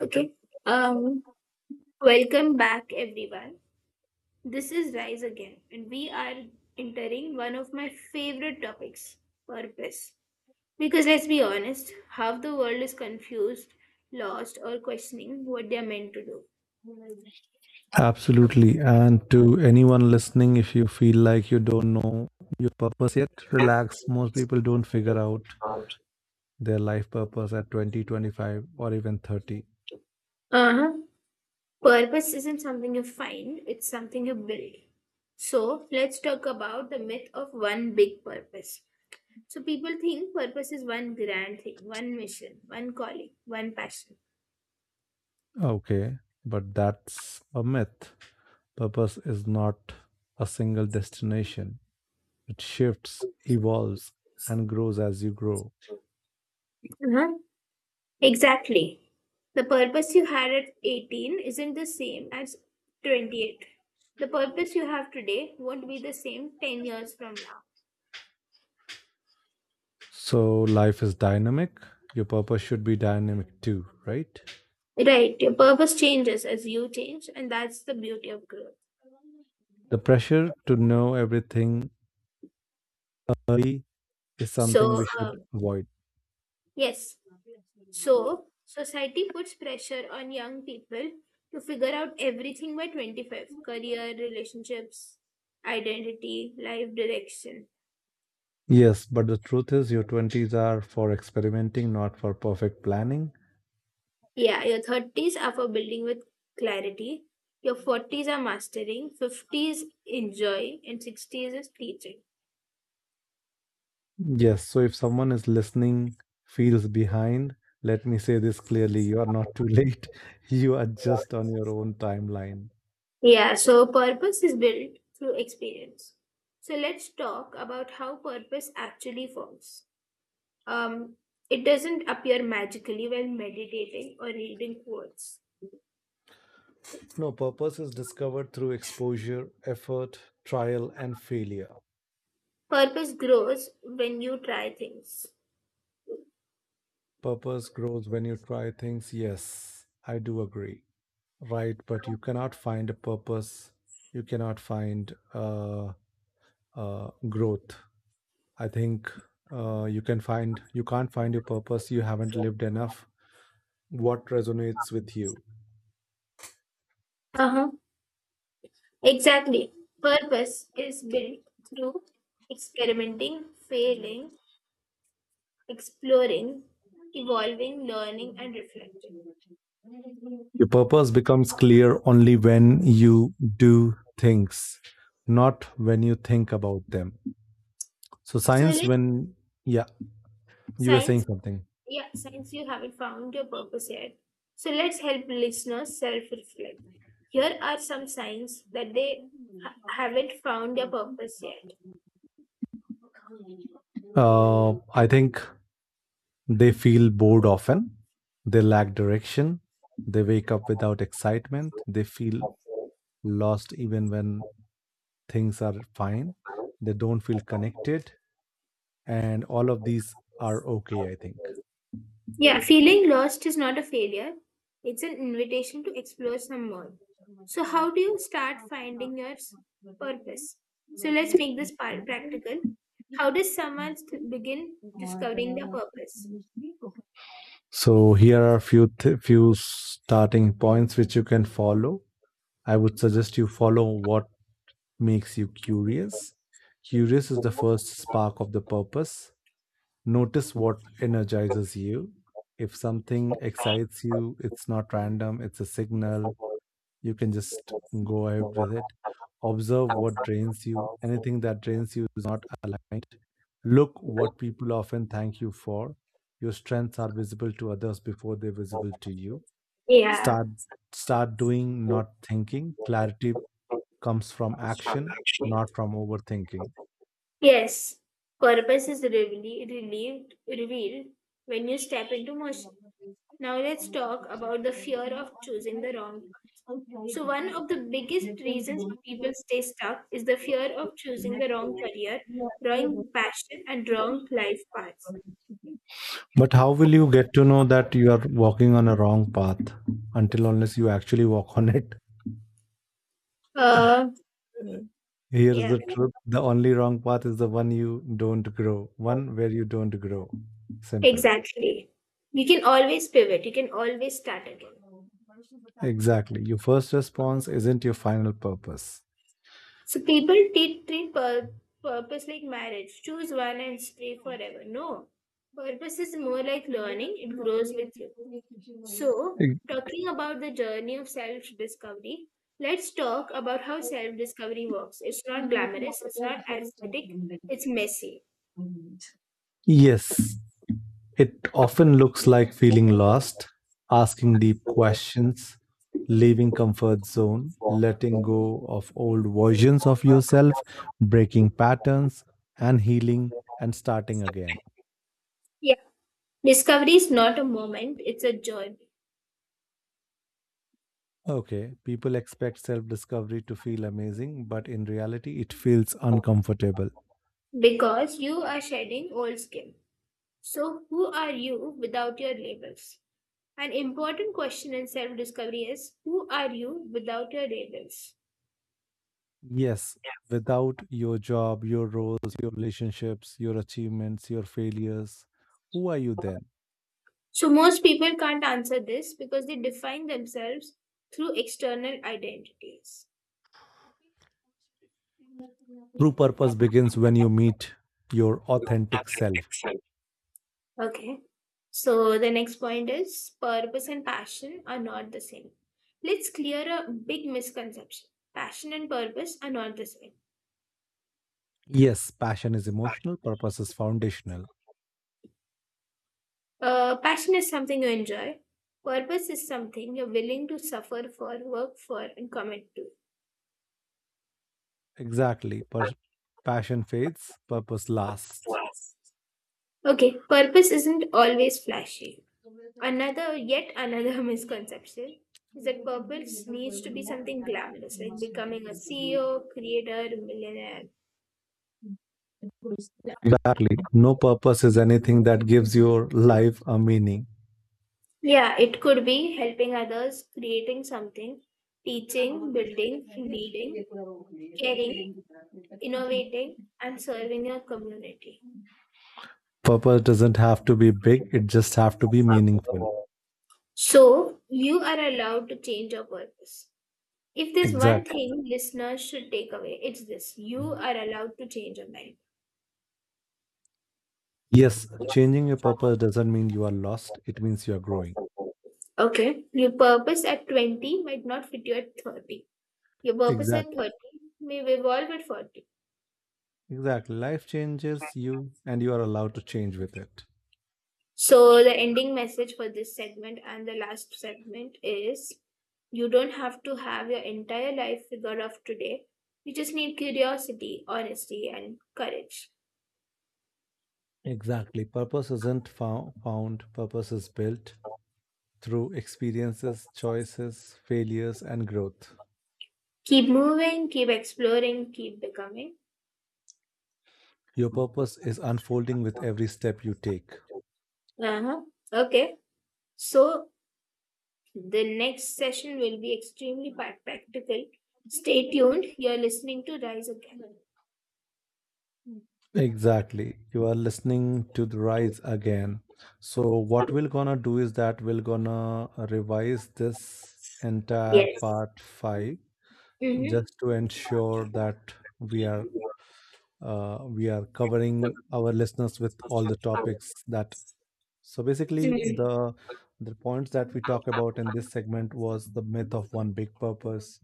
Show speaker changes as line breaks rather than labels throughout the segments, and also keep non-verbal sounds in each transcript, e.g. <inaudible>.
Okay. Um, Welcome back, everyone. This is Rise Again, and we are entering one of my favorite topics purpose. Because let's be honest, half the world is confused, lost, or questioning what they're meant to do.
Absolutely. And to anyone listening, if you feel like you don't know your purpose yet, relax. Most people don't figure out their life purpose at 20, 25, or even 30.
Uh huh. Purpose isn't something you find, it's something you build. So, let's talk about the myth of one big purpose. So, people think purpose is one grand thing, one mission, one calling, one passion.
Okay, but that's a myth. Purpose is not a single destination, it shifts, evolves, and grows as you grow.
Uh huh. Exactly. The purpose you had at 18 isn't the same as 28. The purpose you have today won't be the same 10 years from now.
So life is dynamic. Your purpose should be dynamic too, right?
Right. Your purpose changes as you change, and that's the beauty of growth.
The pressure to know everything early is something
So,
we should avoid.
yes. So, society puts pressure on young people to figure out everything by 25 career, relationships, identity, life direction.
Yes, but the truth is, your 20s are for experimenting, not for perfect planning.
Yeah, your 30s are for building with clarity, your 40s are mastering, 50s enjoy, and 60s is teaching.
Yes, so if someone is listening, feels behind, let me say this clearly, you are not too late. <laughs> You are just on your own timeline.
Yeah, so purpose is built through experience. So let's talk about how purpose actually forms. Um, it doesn't appear magically while meditating or reading quotes.
No, purpose is discovered through exposure, effort, trial, and failure.
Purpose grows when you try things.
Purpose grows when you try things. Yes, I do agree. Right, but you cannot find a purpose. You cannot find growth. I think you can find you can't find your purpose. You haven't lived enough. What resonates with you?
Uh huh. Exactly. Purpose is built through experimenting, failing, exploring, evolving, learning, and reflecting.
Your purpose becomes clear only when you do things, not when you think about them. So
So
science,
let
when yeah, you were saying
Science,
something.
yeah, since you haven't found your purpose yet. So let's help listeners self-reflect. Here are some signs that they haven't found their purpose yet.
I think they feel bored often. They lack direction. They wake up without excitement. They feel lost even when things are fine. They don't feel connected, and all of these are okay, I think.
Yeah, feeling lost is not a failure. It's an invitation to explore some more. So how do you start finding your purpose? So let's make this practical. How does someone begin discovering their purpose?
So here are few starting points which you can follow. I would suggest you follow what makes you curious. Curious is the first spark of the purpose. Notice what energizes you. If something excites you, it's not random, it's a signal you can just go out with it. Observe what drains you. Anything that drains you is not aligned. Look what people often thank you for. Your strengths are visible to others before they're visible to you.
Yeah.
Start start doing, not thinking. Clarity comes from action, not from overthinking.
Yes. Purpose is really relieved, revealed when you step into motion. Now let's talk about the fear of choosing the wrong path. So one of the biggest reasons people stay stuck is the fear of choosing the wrong career, wrong passion, and wrong life paths.
But how will you get to know that you are walking on a wrong path until unless you actually walk on it?
Uh,
Here's
yeah,
the truth. The only wrong path is the one you don't grow, one where you don't grow. Simple.
exactly. You can always pivot. You can always start again.
Exactly. Your first response isn't your final purpose.
So people did treat purpose like marriage. Choose one and stay forever. No. Purpose is more like learning, it grows with you. So, talking about the journey of self discovery, let's talk about how self discovery works. It's not glamorous, it's not aesthetic, it's messy.
Yes, it often looks like feeling lost, asking deep questions, leaving comfort zone, letting go of old versions of yourself, breaking patterns, and healing, and starting again.
Yeah. Discovery is not a moment, it's a journey
Okay, people expect self discovery to feel amazing, but in reality, it feels uncomfortable.
because you are shedding old skin. So, who are you without your labels? An important question in self discovery is who are you without your labels?
Yes, without your job, your roles, your relationships, your achievements, your failures, who are you then?
So, most people can't answer this because they define themselves through external identities.
True purpose begins when you meet your authentic self.
Okay. So, the next point is purpose and passion are not the same. Let's clear a big misconception passion and purpose are not the same.
Yes, passion is emotional, purpose is foundational.
Passion is something you enjoy, purpose is something you're willing to suffer for, work for, and commit to.
Exactly. Passion fades, purpose lasts.
Okay, purpose isn't always flashy. Another, yet another <laughs> misconception is that purpose needs to be something glamorous, like becoming a CEO, creator, millionaire.
Exactly. No, purpose is anything that gives your life a meaning.
Yeah, it could be helping others, creating something, teaching, building, leading, caring, innovating, and serving your community.
Purpose doesn't have to be big, it just have to be meaningful.
So, you are allowed to change your purpose. If there's one
Exact
thing listeners should take away, it's this you are allowed to change your mind.
Yes, changing your purpose doesn't mean you are lost, it means you are growing.
Okay, your purpose at 20 might not fit you at 30. Your purpose
exact
at 30 may evolve at 40.
Exact life changes you, and you are allowed to change with it.
So, the ending message for this segment and the last segment is you don't have to have your entire life figured out today. You just need curiosity, honesty, and courage.
Exactly, purpose isn't fou- found, purpose is built through experiences, choices, failures, and growth.
Keep moving, keep exploring, keep becoming.
Your purpose is unfolding with every step you take.
Uh-huh. Okay. So the next session will be extremely practical. Stay tuned. You're listening to Rise Again.
Exactly. You are listening to the Rise Again. So what we're gonna do is that we're gonna revise this entire part five,
Mm-hmm.
just to ensure that we are we are covering our listeners with all the topics that. So basically the points that we talk about in this segment was the myth of one big purpose,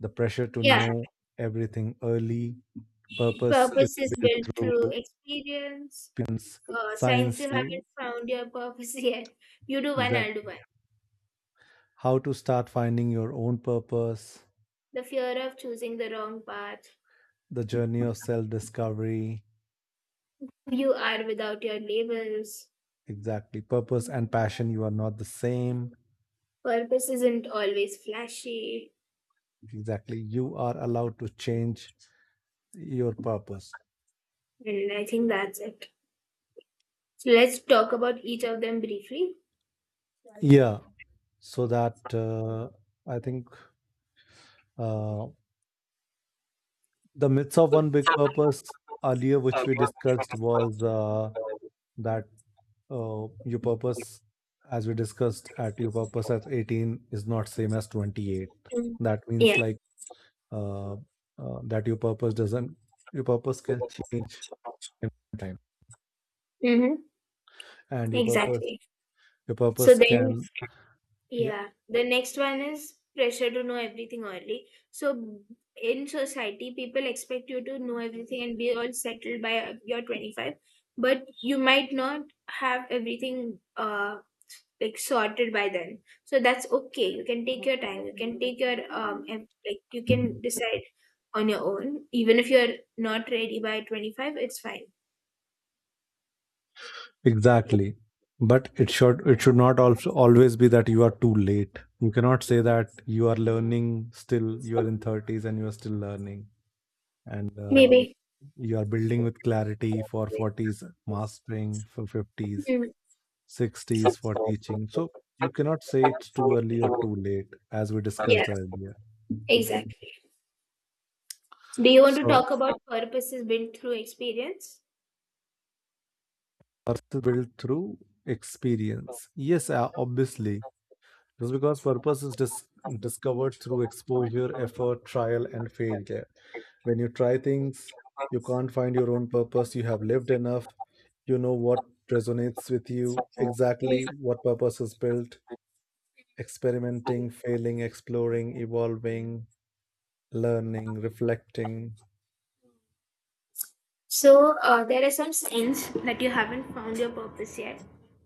the pressure to
Yeah.
know everything early, purpose is
Purpose is
built
built through
through
experience.
pins,
Since
science
you
you,
haven't found your purpose <laughs> yet. You do
is
one,
that
I'll do one.
how to start finding your own purpose,
The fear of choosing the wrong path.
the journey of self discovery,
Who You are without your labels.
exactly purpose and passion you are not the same,
Purpose isn't always flashy.
exactly you are allowed to change your purpose.
And I think that's it. So let's talk about each of them briefly.
Yeah, so that I think uh, the myths of one big purpose earlier which we discussed was that your purpose, as we discussed, at your purpose at 18 is not same as 28.
Mm.
That means
Yeah.
like uh, that your purpose doesn't, your purpose can change in time,
Mm-hmm.
and your purpose,
Exactly.
your
So
purpose
then
can, yeah,
yeah, the next one is pressure to know everything early. So in society, people expect you to know everything and be all settled by your 25, but you might not have everything like sorted by then. So that's okay. You can take your time. You can take your and like you can decide on your own. Even if you're not ready by 25, it's fine.
exactly, but it should, it should not also always be that you are too late. You cannot say that you are learning still, you are in 30s and you are still learning. And
Maybe.
you are building with clarity for 40s, mastering for 50s,
Mm.
60s for teaching. So you cannot say it's too early or too late, as we
Yeah,
discussed earlier.
exactly. Do you want to
So
talk about purposes built through experience?
purpose is built through experience, yes, obviously, just because purpose is discovered through exposure, effort, trial, and failure. When you try things, you can't find your own purpose, you have lived enough, you know what resonates with you,
Yeah.
exactly, what purpose is built: experimenting, failing, exploring, evolving, learning, reflecting.
So, there are some signs that you haven't found your purpose yet.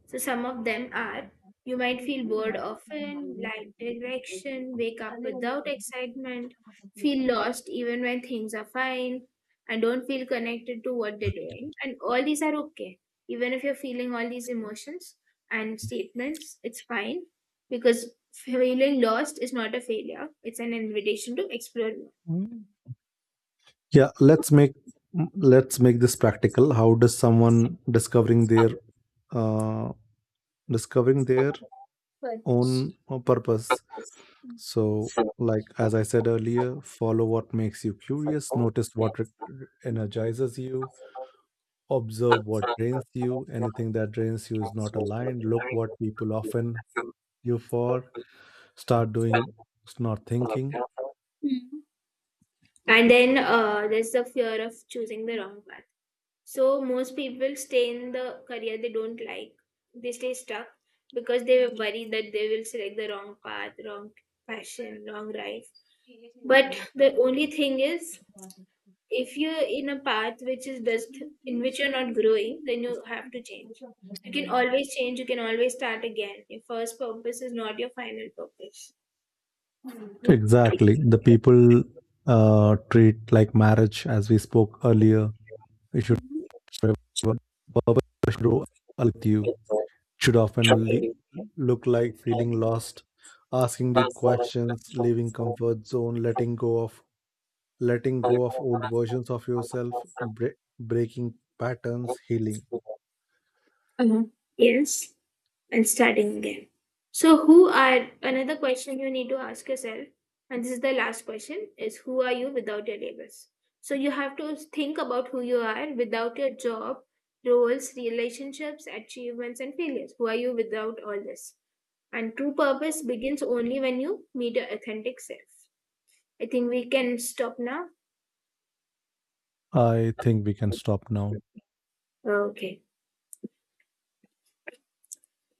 So, some of them are you might feel bored often, lack direction, wake up without excitement, feel lost even when things are fine, and don't feel connected to what they're doing. And all these are okay. Even if you're feeling all these emotions and statements, it's fine because feeling lost is not a failure, it's an invitation to explore more.
Mm. Yeah, let's make this practical. How does someone uh, discovering their
But
own purpose? So, like as I said earlier, follow what makes you curious, energizes you, observe what drains you. Anything that drains you is not aligned. Look what people often you for. Start doing, start thinking.
And then there's the fear of choosing the wrong path. So most people stay in the career they don't like. They stay stuck because they were worried that they will select the wrong path, wrong passion, wrong life. But the only thing is, if you're in a path which is just in which you're not growing, then you have to change. You can always change. You can always start again. Your first purpose is not your final purpose.
Exactly. The people treat like marriage, as we spoke earlier. It should
Mhm.
forever, purpose should grow with you. Should often le- Look like feeling lost, asking deep questions, leaving comfort zone, letting go of old versions of yourself, breaking patterns, healing.
Uh, yes and starting again. So, who are another question you need to ask yourself, and this is the last question, is who are you without your labels? So, you have to think about who you are without your job, roles, relationships, achievements, and failures. Who are you without all this? And true purpose begins only when you meet your authentic self. I think we can stop now.
I think we can stop now.
Okay.